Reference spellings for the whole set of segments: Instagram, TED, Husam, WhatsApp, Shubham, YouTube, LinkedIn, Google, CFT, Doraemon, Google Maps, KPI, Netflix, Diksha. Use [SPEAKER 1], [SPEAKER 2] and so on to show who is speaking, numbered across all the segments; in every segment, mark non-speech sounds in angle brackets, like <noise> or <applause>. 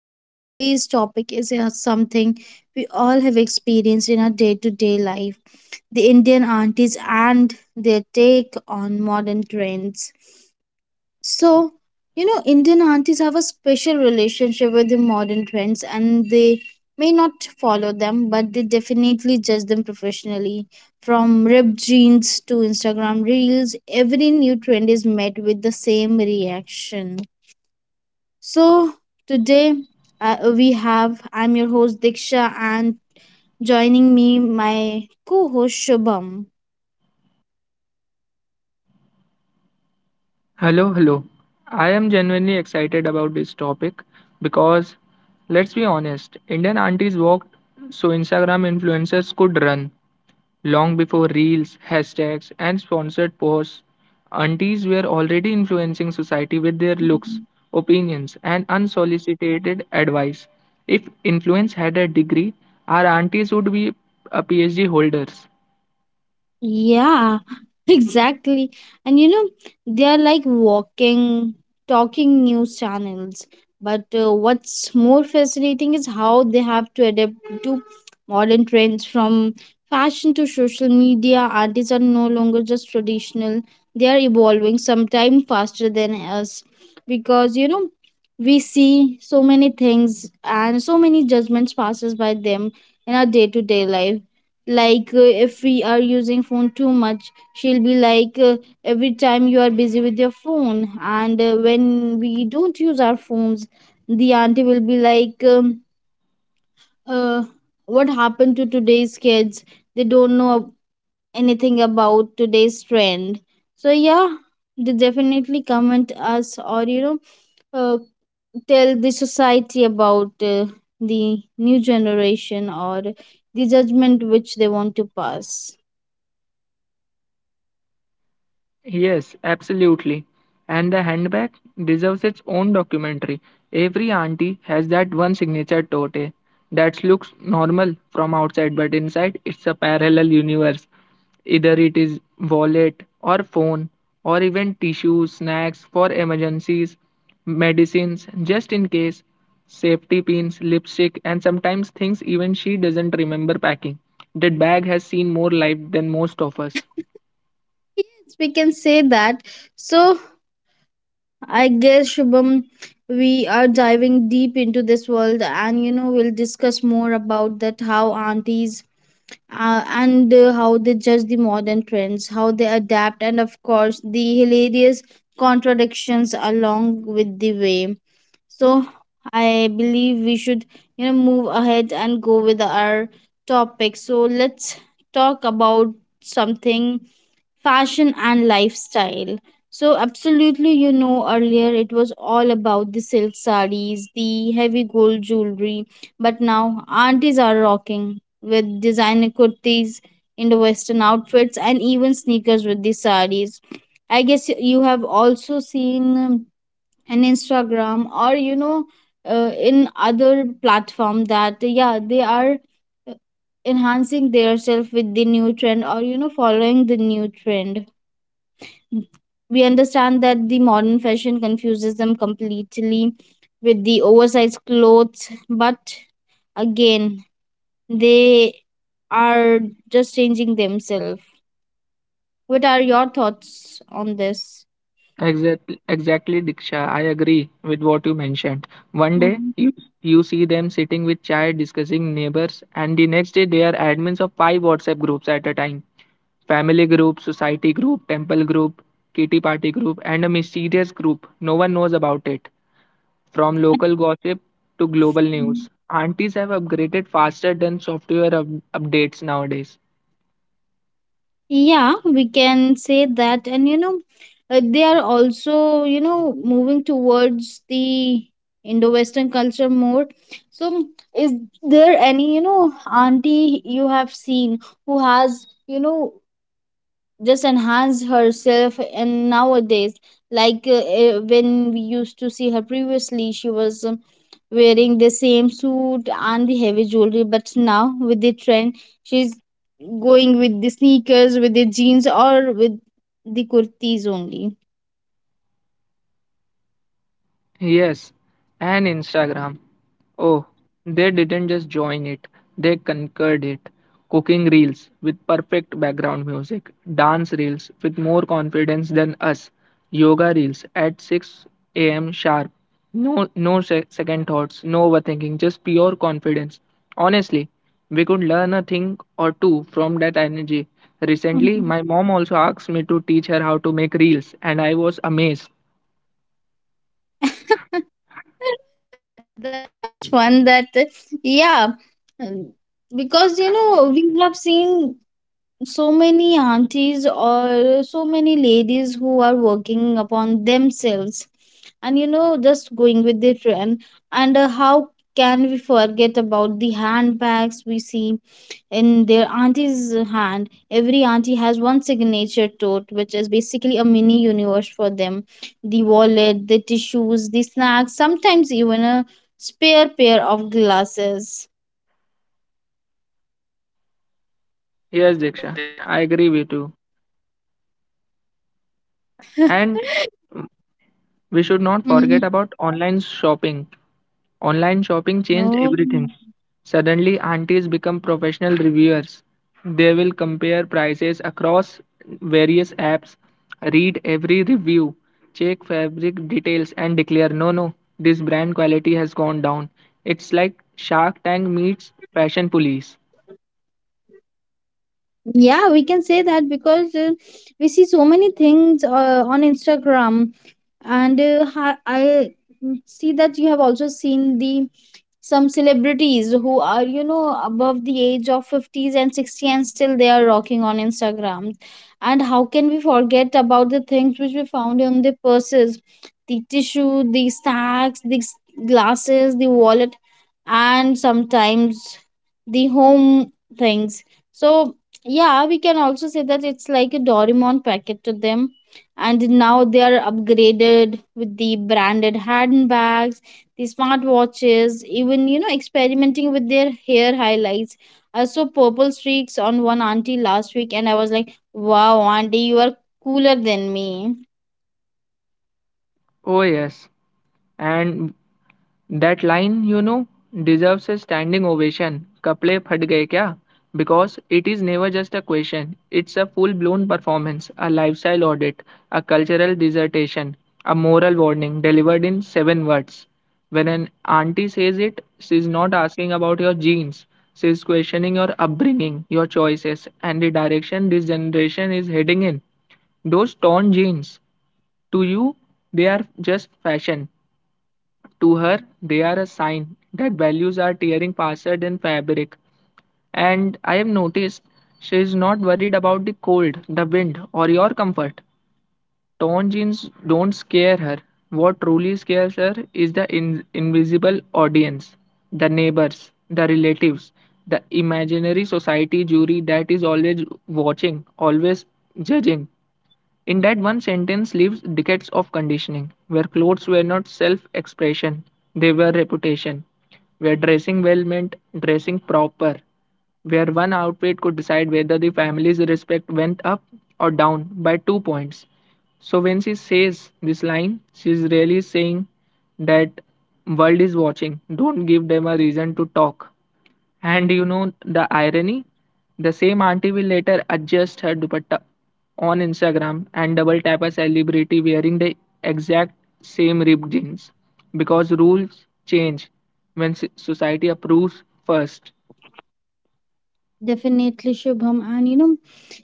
[SPEAKER 1] So, today's topic is something we all have experienced in our day to day life, the Indian aunties and their take on modern trends. So, Indian aunties have a special relationship with the modern trends, and they may not follow them, but they definitely judge them professionally. From ripped jeans to Instagram reels, every new trend is met with the same reaction. So, today we have, I'm your host Diksha, and joining me, my co host Shubham.
[SPEAKER 2] Hello, hello. I am genuinely excited about this topic because let's be honest, Indian aunties walked so Instagram influencers could run long before reels, hashtags, and sponsored posts. Aunties were already influencing society with their looks, opinions, and unsolicited advice. If influence had a degree, our aunties would be a PhD holders.
[SPEAKER 1] Yeah, <laughs> exactly. And you know, they are like walking, talking news channels. But what's more fascinating is how they have to adapt to modern trends, from fashion to social media. Artists are no longer just traditional, they are evolving sometime faster than us because we see so many things and so many judgments passes by them in our day-to-day life. Like if we are using phone too much, she'll be like every time you are busy with your phone. And when we don't use our phones, the auntie will be like uh, what happened to today's kids, they don't know anything about today's trend. So yeah, they definitely comment us, or uh, tell the society about the new generation or the judgment which they want to pass.
[SPEAKER 2] Yes, absolutely. And the handbag deserves its own documentary. Every auntie has that one signature tote that looks normal from outside, but inside it's a parallel universe. Either it is wallet or phone or even tissues, snacks for emergencies, medicines just in case, safety pins, lipstick, and sometimes things even she doesn't remember packing. That bag has seen more life than most of us.
[SPEAKER 1] Yes, we can say that. So I guess Shubham, we are diving deep into this world, and you know, we'll discuss more about that, how aunties and how they judge the modern trends, how they adapt, and of course, the hilarious contradictions along with the way. So, I believe we should, you know, move ahead and go with our topic. So, let's talk about something fashion and lifestyle. So, absolutely, you know, earlier it was all about the silk sarees, the heavy gold jewelry, but now aunties are rocking with designer kurtis, Indo Western outfits, and even sneakers with the saris. I guess you have also seen an Instagram, or in other platform, that yeah, they are uh, enhancing their with the new trend, or you know, following the new trend. We understand that the modern fashion confuses them completely with the oversized clothes, but again, they are just changing themselves. What are your thoughts on this?
[SPEAKER 2] Exactly, exactly, Diksha. I agree with what you mentioned. One day
[SPEAKER 1] Mhm.
[SPEAKER 2] you see them sitting with chai discussing neighbors, and the next day they are admins of five WhatsApp groups at a time: family group, society group, temple group, kitty party group, and a mysterious group. No one knows about it. From local gossip to global news,
[SPEAKER 1] Mhm.
[SPEAKER 2] aunties have upgraded faster than software updates nowadays.
[SPEAKER 1] Yeah, we can say that. And you know, they are also, you know, moving towards the Indo Western culture more. So, is there any, you know, auntie you have seen who has, you know, just enhance herself, and nowadays like when we used to see her previously, she was wearing the same suit and the heavy jewelry, but now with the trend, she's going with the sneakers with the jeans, or with the kurtis only.
[SPEAKER 2] Yes, and Instagram. Oh, they didn't just join it, they conquered it. Cooking reels with perfect background music, dance reels with more confidence than us, yoga reels at 6 a.m. sharp. No, second thoughts, no overthinking, just pure confidence. Honestly, we could learn a thing or two from that energy. Recently,
[SPEAKER 1] Mhm.
[SPEAKER 2] my mom also asked me to teach her how to make reels, and I was amazed.
[SPEAKER 1] <laughs> That's one that yeah, um, because you know, we have seen so many aunties or so many ladies who are working upon themselves, and you know, just going with the trend. And how can we forget about the handbags we see in their auntie's hand? Every auntie has one signature tote which is basically a mini universe for them, the wallet, the tissues, the snacks, sometimes even a spare pair of glasses.
[SPEAKER 2] Yes, Diksha, I agree with you.
[SPEAKER 1] <laughs>
[SPEAKER 2] And
[SPEAKER 1] Mm-hmm.
[SPEAKER 2] we should not forget about online shopping.
[SPEAKER 1] Oh.
[SPEAKER 2] Online shopping changed everything. Suddenly, aunties become professional reviewers. They will compare prices across various apps, read every review, check fabric details, and declare no, no, this brand quality has gone down. It's like Shark Tank meets Fashion Police.
[SPEAKER 1] Yeah, we can say that because we see so many things on Instagram, and see that you have also seen the some celebrities who are you know, above the age of 50s and 60, and still they are rocking on Instagram. And how can we forget about the things which we found in the purses, the tissue, the stacks, glasses, the wallet, and sometimes the home things. So yeah, we can also say that it's like a Doraemon packet to them. And now they are upgraded with the branded handbags, the smartwatches, even you know, experimenting with their hair highlights. I saw purple streaks on one auntie last week, and I was like, wow, auntie, you are cooler than me.
[SPEAKER 2] Oh, yes. And that line, you know, deserves a standing ovation. Couple फट गए क्या? Because it is never just a question. It's a full blown performance, a lifestyle audit, a cultural dissertation, a moral warning delivered in seven words. When an auntie says it, she's not asking about your genes. She's questioning your upbringing, your choices, and the direction this generation is heading in. Those torn jeans, to you, they are just fashion. To her, they are a sign that values are tearing faster than fabric. And I have noticed she is not worried about the cold, the wind, or your comfort. Torn jeans don't scare her. What truly scares her is the invisible audience, the neighbors, the relatives, the imaginary society jury that is always watching, always judging. In that one sentence lives decades of conditioning, where clothes were not self expression, they were reputation, where dressing well meant dressing proper, where one outfit could decide whether the family's respect went up or down by 2 points. So when she says this line, she is really saying that world is watching. Don't give them a reason to talk. And you know the irony? The same auntie will later adjust her dupatta on Instagram and double tap a celebrity wearing the exact same ripped jeans because rules change when society approves first.
[SPEAKER 1] Definitely, Shubham. And you know,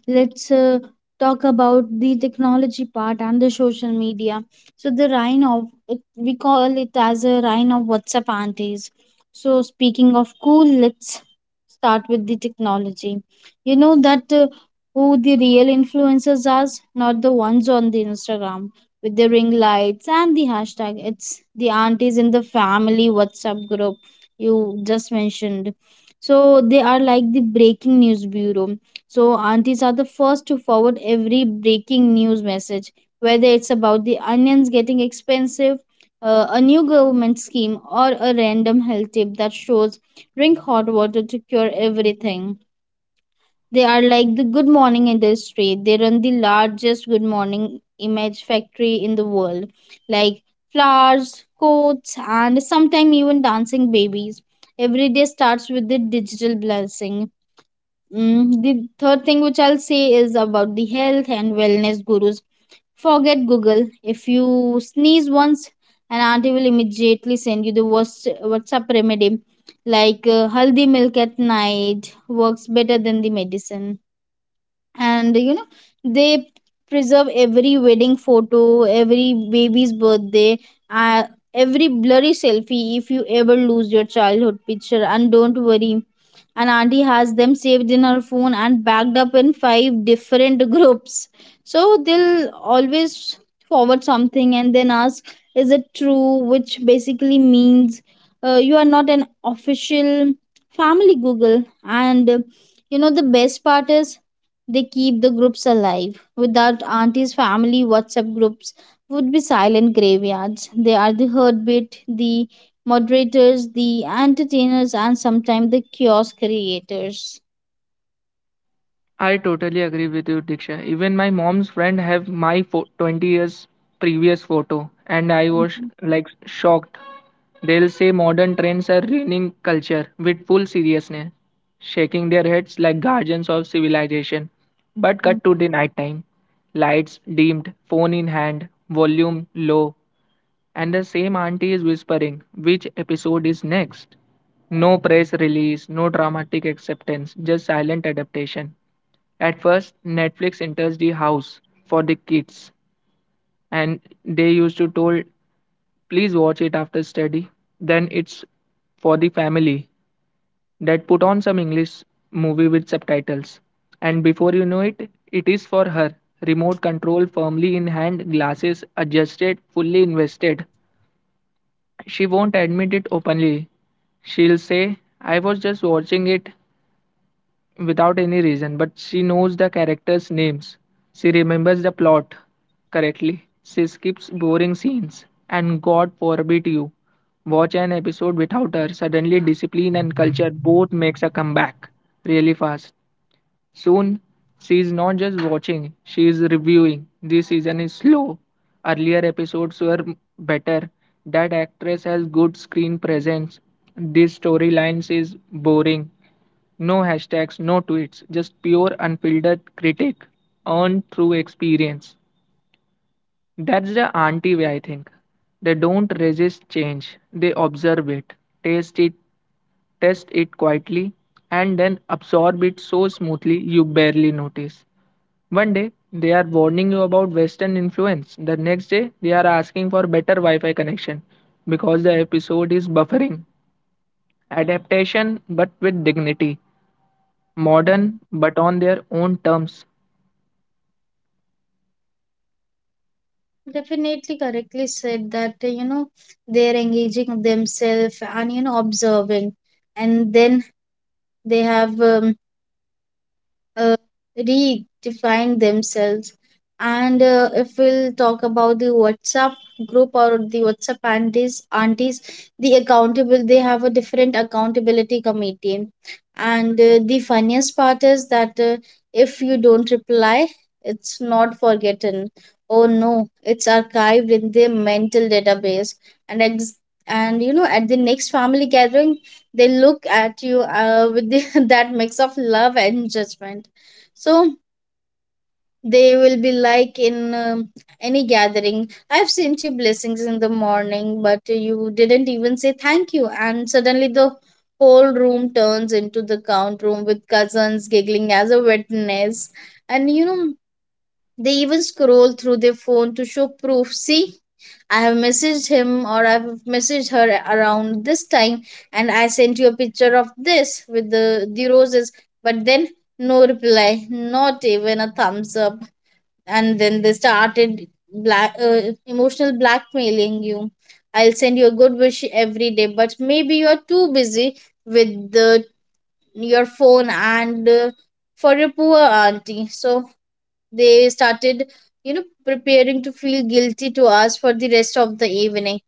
[SPEAKER 1] let's talk about the technology part and the social media. So the reign of it, we call it as a reign of WhatsApp aunties. So speaking of cool, let's start with the technology. You know that who the real influencers are, not the ones on the Instagram with the ring lights and the hashtag. It's the aunties in the family WhatsApp group you just mentioned. So they are like the breaking news bureau. So, aunties are the first to forward every breaking news message, whether it's about the onions getting expensive, a new government scheme, or a random health tip that shows drink hot water to cure everything. They are like the good morning industry. They run the largest good morning image factory in the world, like flowers, coats, and sometimes even dancing babies. Every day starts with the digital blessing. Mm, the third thing which I'll say is about the health and wellness gurus. Forget Google. If you sneeze once, an auntie will immediately send you the worst WhatsApp remedy, like haldi milk at night works better than the medicine. And you know, they preserve every wedding photo, every baby's birthday, uh, every blurry selfie. If you ever lose your childhood picture and don't worry, an auntie has them saved in her phone and backed up in five different <laughs> groups. So they'll always forward something and then ask, is it true, which basically means you are not an official family Google. And you know, the best part is, they keep the groups alive. Without aunties, family WhatsApp groups would be silent graveyards. They are the heartbeat, the moderators, the entertainers, and sometimes the kiosk creators.
[SPEAKER 2] I totally agree with you, Diksha. Even my mom's friend have my 20 years previous photo, and I was
[SPEAKER 1] Mhm.
[SPEAKER 2] like shocked. They'll say modern trends are ruining culture with full seriousness, shaking their heads like guardians of civilization. But cut to
[SPEAKER 1] Mhm.
[SPEAKER 2] the night time, lights dimmed, phone in hand, volume low, and the same auntie is whispering which episode is next. No press release, no dramatic acceptance, just silent adaptation. At first, Netflix enters the house for the kids, and they used to told, "Please watch it after study." Then it's for the family that put on some English movie with subtitles, and before you know it, it is for her. Remote control firmly in hand, glasses adjusted, fully invested. She won't admit it openly. She'll say, I was just watching it without any reason, but she knows the characters' names. She remembers the plot correctly. She skips boring scenes. And God forbid you watch an episode without her. Suddenly, discipline and culture both makes a comeback really fast. Soon, she is not just watching, she is reviewing. This season is slow. Earlier episodes were better. That actress has good screen presence. This storylines is boring. No hashtags, no tweets, just pure unfiltered critique earned through experience. That's the auntie way, I think. They don't resist change, they observe it, taste it, test it quietly, and then absorb it so smoothly you barely notice. One day, they are warning you about Western influence. The next day, they are asking for better Wi Fi connection because the episode is buffering. Adaptation, but with dignity. Modern, but on their own terms.
[SPEAKER 1] Definitely correctly said that you know, they're engaging themselves, and you know, observing, and then they have uh, redefine themselves. And if we'll talk about the WhatsApp group or the WhatsApp aunties, aunties, the accountable, they have a different accountability committee. And the funniest part is that if you don't reply, it's not forgotten. Oh no, it's archived in their mental database. And ex- and you know, at the next family gathering, they look at you with the, <laughs> that mix of love and judgment. So they will be like in any gathering, I've sent you blessings in the morning, but you didn't even say thank you. And suddenly the whole room turns into the count room with cousins giggling as a witness. And you know, they even scroll through their phone to show proof. See, I have messaged him, or I've messaged her around this time, and I sent you a picture of this with the roses, but then no reply, not even a thumbs up. And then they started black emotional blackmailing you. I'll send you a good wish every day, but maybe you're too busy with the your phone. And for your poor auntie. So they started, you know, preparing to feel guilty to us for the rest of the evening.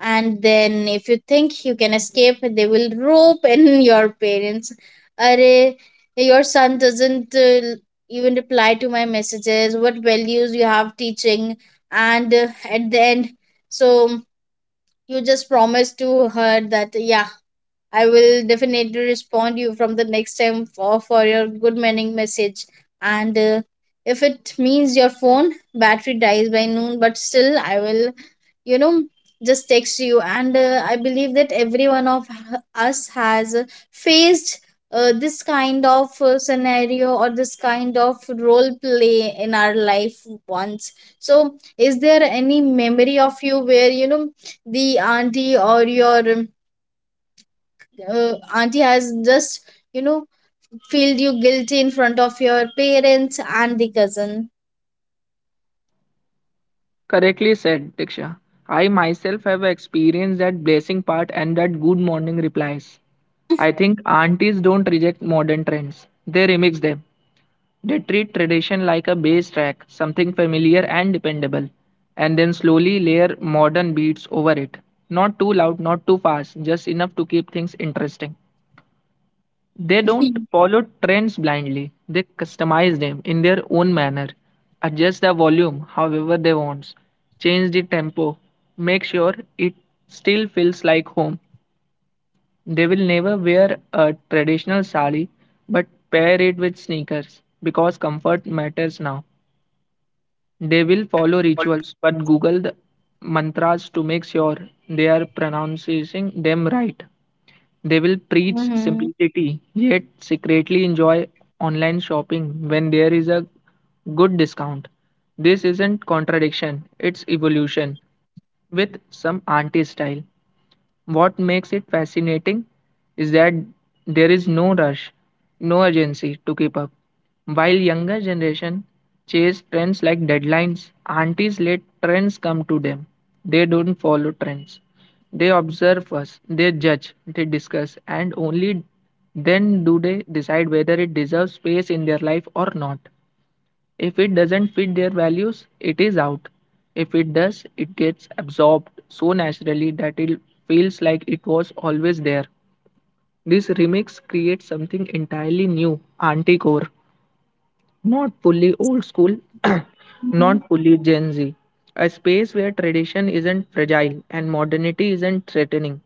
[SPEAKER 1] And then if you think you can escape, they will rope in <laughs> your parents. Array, your son doesn't even reply to my messages, what values you have teaching. And at the end, so you just promise to her that yeah, I will definitely respond you from the next time, for your good morning message. And if it means your phone battery dies by noon, but still I will, you know, just text you. And I believe that every one of us has faced this kind of scenario or this kind of role play in our life once. So, is there any memory of you where you know, the auntie or your auntie has just, you know, feel you guilty in front of your parents and the cousin?
[SPEAKER 2] Correctly said, Diksha. I myself have experienced that blessing part and that good morning replies. I think aunties don't reject modern trends, they remix them. They treat tradition like a bass track, something familiar and dependable, and then slowly layer modern beats over it. Not too loud, not too fast, just enough to keep things interesting. They don't
[SPEAKER 1] <laughs>
[SPEAKER 2] follow trends blindly, they customize them in their own manner, adjust the volume however they want, change the tempo, make sure it still feels like home. They will never wear a traditional sari but pair it with sneakers because comfort matters now. They will follow rituals, but Google the mantras to make sure they are pronouncing them right.
[SPEAKER 1] Mhm.
[SPEAKER 2] They will preach simplicity, yet secretly enjoy online shopping when there is a good discount. This isn't contradiction, it's evolution with some anti style. What makes it fascinating is that there is no rush, no urgency to keep up. While younger generation chase trends like deadlines, aunties let trends come to them. They don't follow trends. They observe first, they judge, they discuss, and only then do they decide whether it deserves space in their life or not. If it doesn't fit their values, it is out. If it does, it gets absorbed so naturally that it feels like it was always there. This remix creates something entirely new, anti core, not fully old school, <coughs> <clears throat>
[SPEAKER 1] Mhm.
[SPEAKER 2] not fully Gen Z. A space where tradition isn't fragile and modernity isn't threatening,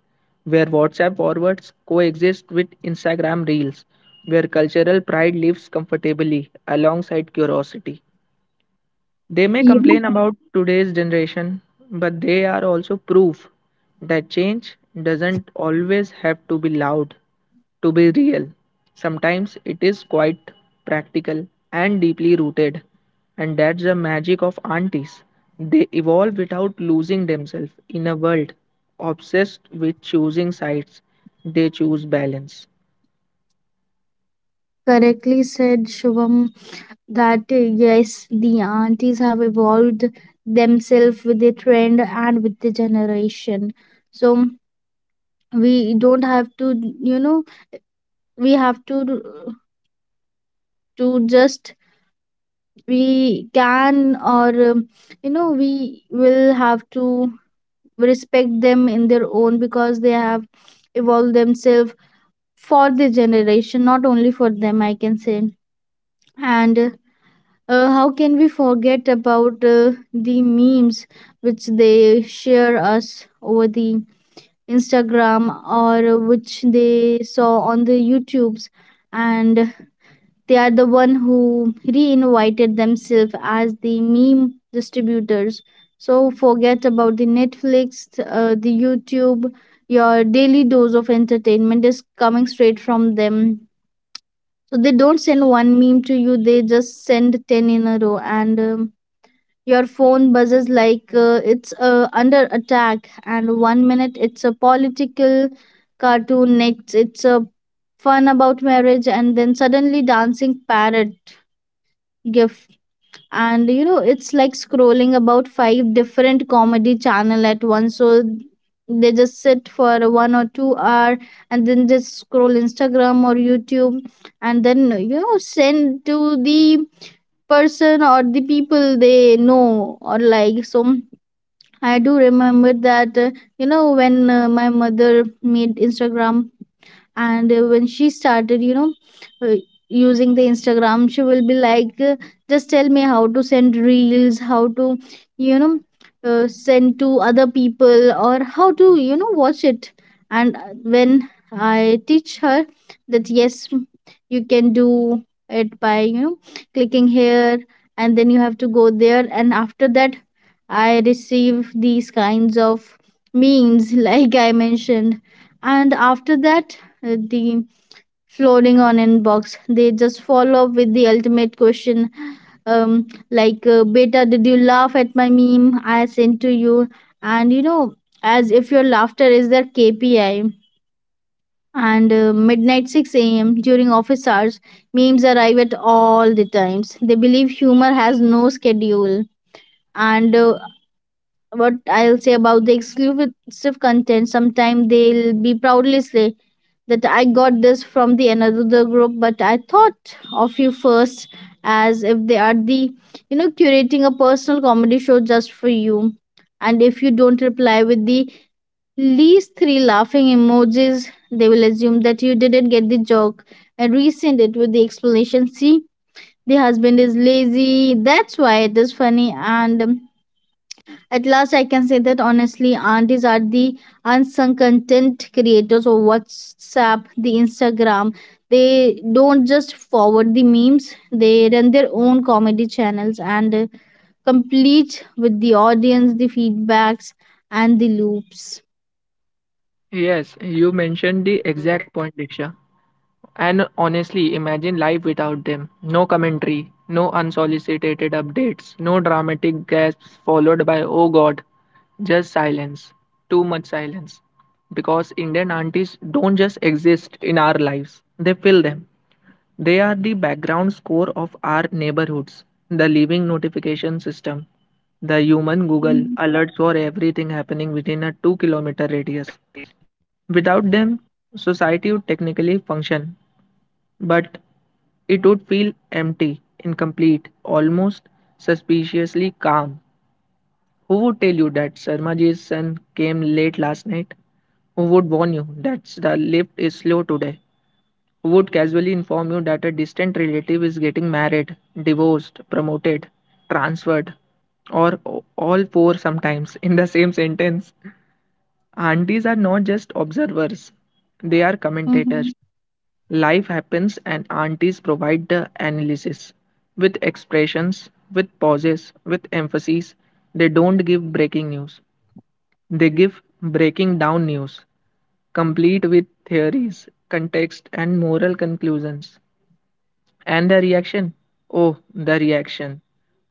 [SPEAKER 2] where WhatsApp forwards coexist with Instagram reels, where cultural pride lives comfortably alongside curiosity. They may
[SPEAKER 1] You
[SPEAKER 2] complain about today's generation, but they are also proof that change doesn't always have to be loud to be real. Sometimes it is quite practical and deeply rooted, and that's the magic of aunties. They evolve without losing themselves in a world obsessed with choosing sides. They choose balance.
[SPEAKER 1] correctly said, Shubham, that yes, the aunties have evolved themselves with the trend and with the generation. So we don't have to, you know, we have to just, we can, or you know, we will have to respect them in their own because they have evolved themselves for the generation, not only for them, I can say. And how can we forget about the memes which they share us over the Instagram or which they saw on the YouTubes? And they are the one who reinvited themselves as the meme distributors. So forget about the Netflix, the YouTube. Your daily dose of entertainment is coming straight from them. So they don't send one meme to you; they just send 10 in a row, and your phone buzzes like it's under attack. And one minute it's a political cartoon, next it's a fun about marriage, and then suddenly dancing parrot gif, and it's like scrolling about five different comedy channel at once. So they just sit for one or two hour and then just scroll instagram or youtube and then send to the person or the people they know or like. So I do remember that, when my mother made instagram, and when she started, uh, using the instagram, she will be like, just tell me how to send reels, how to, you know send to other people, or how to watch it. And when I teach her that yes, you can do it by, clicking here, and then you have to go there, and after that I receive these kinds of memes <laughs> like I mentioned. And after that, the floating on inbox. They just follow up with the ultimate question, um, like, "Beta, did you laugh at my meme I sent to you?" And as if your laughter is their KPI. And midnight, 6 a.m., during office hours, memes arrive at all the times. They believe humor has no schedule. And what I'll say about the exclusive content, sometimes they'll be proudly say that I got this from the another group, but I thought of you first, as if they are the, curating a personal comedy show just for you. And if you don't reply with the least three laughing emojis, they will assume that you didn't get the joke and resend it with the explanation. See, the husband is lazy. That's why it is funny. And at last, I can say that honestly, aunties are the unsung content creators of WhatsApp, the Instagram. They don't just forward the memes; they run their own comedy channels and complete with the audience, the feedbacks, and the loops.
[SPEAKER 2] Yes, you mentioned the exact point, Diksha. And honestly, imagine life without them. No commentary, no unsolicited updates, no dramatic gasps followed by oh god, just silence. Too much silence. Because Indian aunties don't just exist in our lives, they fill them. They are the background score of our neighborhoods, the living notification system,
[SPEAKER 1] Mhm.
[SPEAKER 2] the human Google alerts for everything happening within a 2-kilometer radius. Without them, society would technically function, but it would feel empty, incomplete, almost suspiciously calm. Who would tell you that Sarmaji's son came late last night? Who would warn you that the lift is slow today? Who would casually inform you that a distant relative is getting married, divorced, promoted, transferred, or all four sometimes in the same sentence? Aunties are not just
[SPEAKER 1] Mhm.
[SPEAKER 2] observers, they are commentators. Life happens, and aunties provide the analysis with expressions, with pauses, with emphases. They don't give breaking news, they give breaking down news, complete with theories, context, and moral conclusions. And the reaction? Oh, the reaction.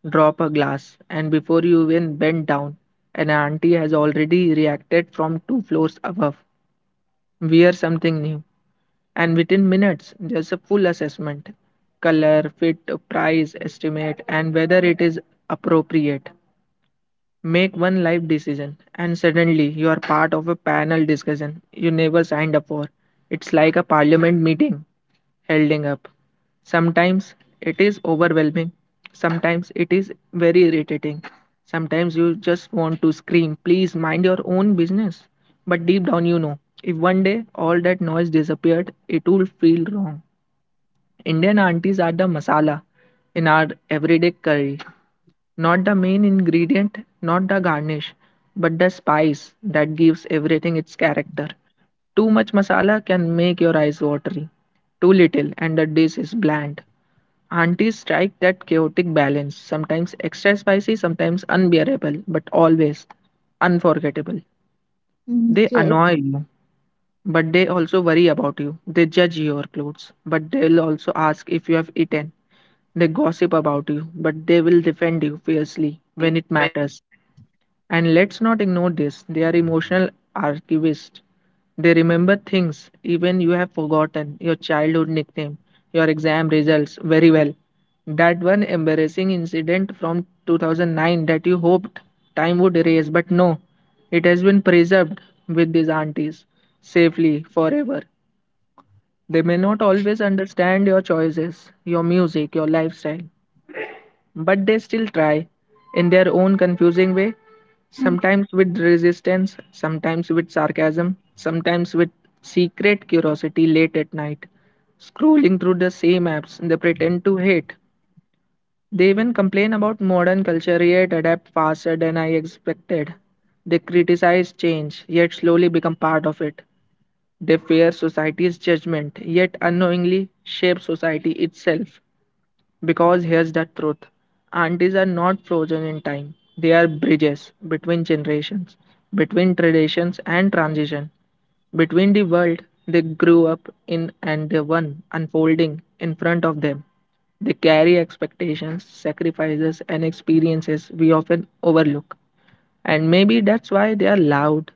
[SPEAKER 2] Drop a glass, and before you even bend down, an auntie has already reacted from two floors above. Wear something new, and within minutes there's a full assessment: color, fit, price estimate, and whether it is appropriate. Make one life decision, and suddenly you are part of a panel discussion you never signed up for. It's like a parliament meeting holding up. Sometimes it is overwhelming, sometimes it is very irritating. Sometimes you just want to scream, please mind your own business. But deep down, you know, if one day all that noise disappeared, it would feel wrong. Indian aunties are the masala in our everyday curry. Not the main ingredient, not the garnish, but the spice that gives everything its character. Too much masala can make your eyes watery. Too little, and the dish is bland. Aunties strike that chaotic balance, sometimes extra spicy, sometimes unbearable, but always unforgettable.
[SPEAKER 1] Mhm.
[SPEAKER 2] They annoy you. But they also worry about you. They judge your clothes, but they'll also ask if you have eaten. They gossip about you, but they will defend you fiercely when it matters. And let's not ignore this, they are emotional archivists. They remember things even you have forgotten, your childhood nickname, your exam results very well. That one embarrassing incident from 2009 that you hoped time would erase, but no, it has been preserved with these aunties safely forever. They may not always understand your choices, your music, your lifestyle, but they still try, in their own confusing way, sometimes with resistance, sometimes with sarcasm, sometimes with secret curiosity late at night. Scrolling through the same apps they pretend to hate. They even complain about modern culture, yet adapt faster than I expected. They criticize change, yet slowly become part of it. They fear society's judgment, yet unknowingly shape society itself. Because here's the truth, aunties are not frozen in time, they are bridges between generations, between traditions and transition, between the world they grew up in and the one unfolding in front of them. They carry expectations, sacrifices, and experiences we often overlook. And maybe that's why they are loud,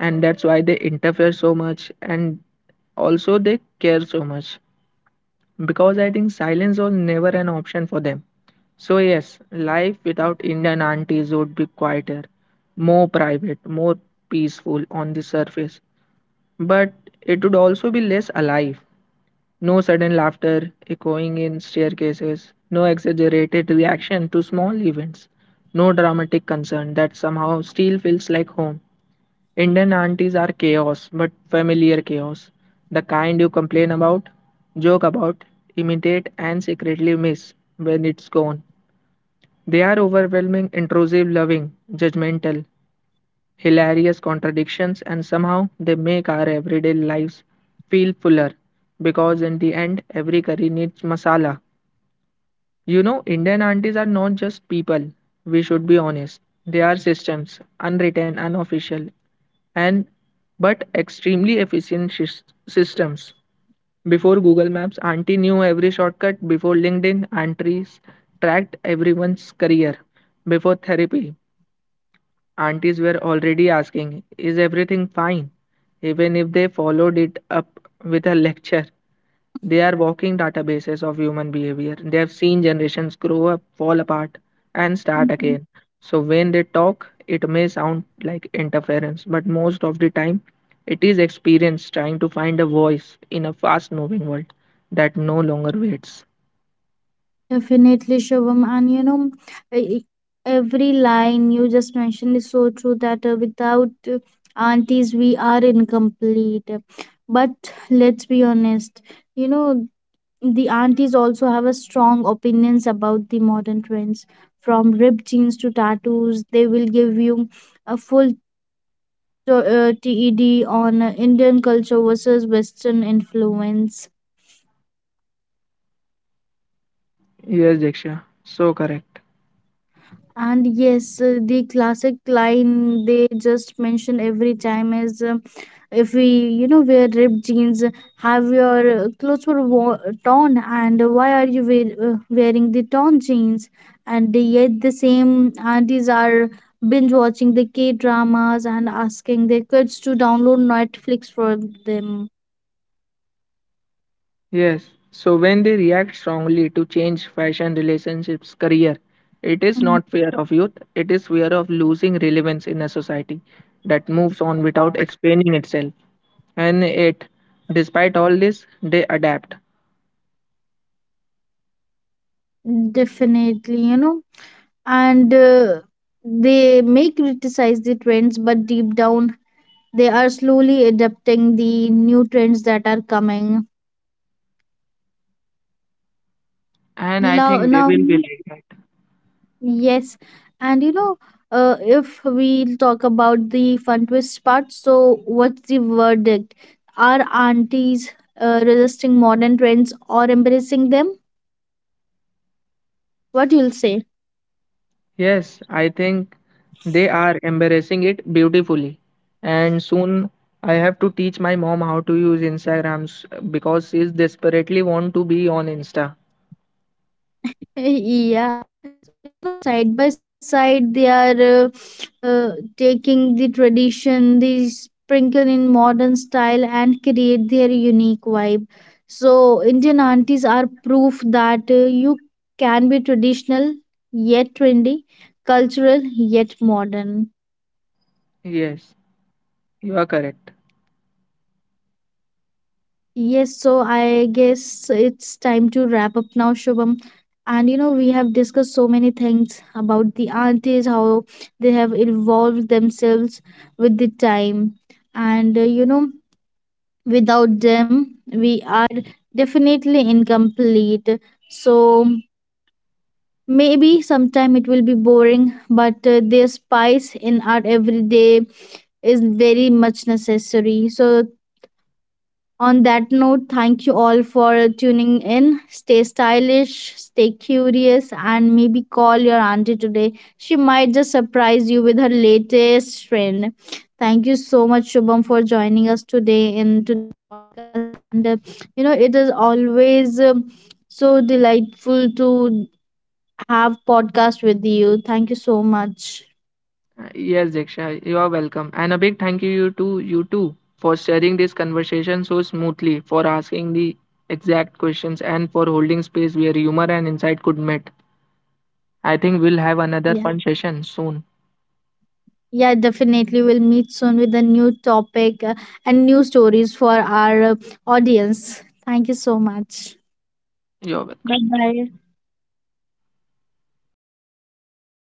[SPEAKER 2] and that's why they interfere so much, and also they care so much because I think silence was never an option for them. So, yes, life without Indian aunties would be quieter, more private, more peaceful on the surface, but it would also be less alive. No sudden laughter echoing in staircases, no exaggerated reaction to small events, no dramatic concern that somehow still feels like home. Indian aunties are chaos, but familiar chaos. The kind you complain about, joke about, imitate, and secretly miss when it's gone. They are overwhelming, intrusive, loving, judgmental, hilarious contradictions, and somehow they make our everyday lives feel fuller. Because in the end, every curry needs masala. You know, Indian aunties are not just people. We should be honest. They are systems, unwritten, unofficial, and but extremely efficient systems. Before Google Maps, Auntie knew every shortcut. Before LinkedIn, aunties tracked everyone's career. Before therapy, aunties were already asking, is everything fine? Even if they followed it up with a lecture. They are walking databases of human behavior. They have seen generations grow up, fall apart, and
[SPEAKER 1] Yes.
[SPEAKER 2] start again. So when they talk, it may sound like interference, but most of the time, it is experience trying to find a voice in a fast moving world that no longer waits.
[SPEAKER 1] Definitely, Shubham. And you know, e- e, every line you just mentioned is so true that, without uh, aunties, we are incomplete. But let's be honest, you know, the aunties also have a strong opinions about the modern trends, from ripped jeans to tattoos. They will give you a full TED on Indian culture versus Western influence.
[SPEAKER 2] Yes, Diksha, so correct.
[SPEAKER 1] And yes, the classic line they just mention every time is, if we, wear ripped jeans, have your clothes were torn, and why are you wearing the torn jeans? And yet the same aunties are binge watching the k dramas and asking their kids to download netflix for them.
[SPEAKER 2] Yes. So when they react strongly to change, fashion, relationships, career, it is not fear
[SPEAKER 1] Mm.
[SPEAKER 2] of youth, it is fear of losing relevance in a society that moves on without explaining itself. And it, despite all this, they adapt.
[SPEAKER 1] Definitely, you know. And they may criticize the trends, but deep down they are slowly adapting the new trends that are coming.
[SPEAKER 2] And I
[SPEAKER 1] Now,
[SPEAKER 2] think they will be like that.
[SPEAKER 1] yes, and you know, if we talk about the fun twist part, so what's the verdict? Are aunties resisting modern trends or embracing them? What you'll say?
[SPEAKER 2] Yes, I think they are embarrassing it beautifully. And soon I have to teach my mom how to use Instagrams because she's desperately want to be on Insta.
[SPEAKER 1] Yeah, side by side, they are, taking the tradition, they sprinkle in modern style and create their unique vibe. So, Indian aunties are proof that you can be traditional yet trendy, cultural yet modern.
[SPEAKER 2] Yes, you are correct.
[SPEAKER 1] Yes, so I guess it's time to wrap up now, Shubham. And you know, we have discussed so many things about the aunties, how they have evolved themselves with the time. And you know, without them, we are definitely incomplete. So maybe sometime it will be boring, but their spice in our everyday is very much necessary. So on that note, thank you all for tuning in. Stay stylish, stay curious, and maybe call your auntie today. She might just surprise you with her latest trend. Thank you so much, Shubham, for joining us today. And, you know, it is always so delightful to have podcast with you. Thank you so much.
[SPEAKER 2] Yes Diksha, you are welcome. And a big thank you to you too for sharing this conversation so smoothly, for asking the exact questions, and for holding space where humor and insight could meet.
[SPEAKER 1] Yeah.
[SPEAKER 2] I think we'll have another fun session
[SPEAKER 1] Yeah,
[SPEAKER 2] soon.
[SPEAKER 1] definitely. We'll meet soon with a new topic, and new stories for our audience. Thank you so much. Bye bye.
[SPEAKER 2] You're welcome.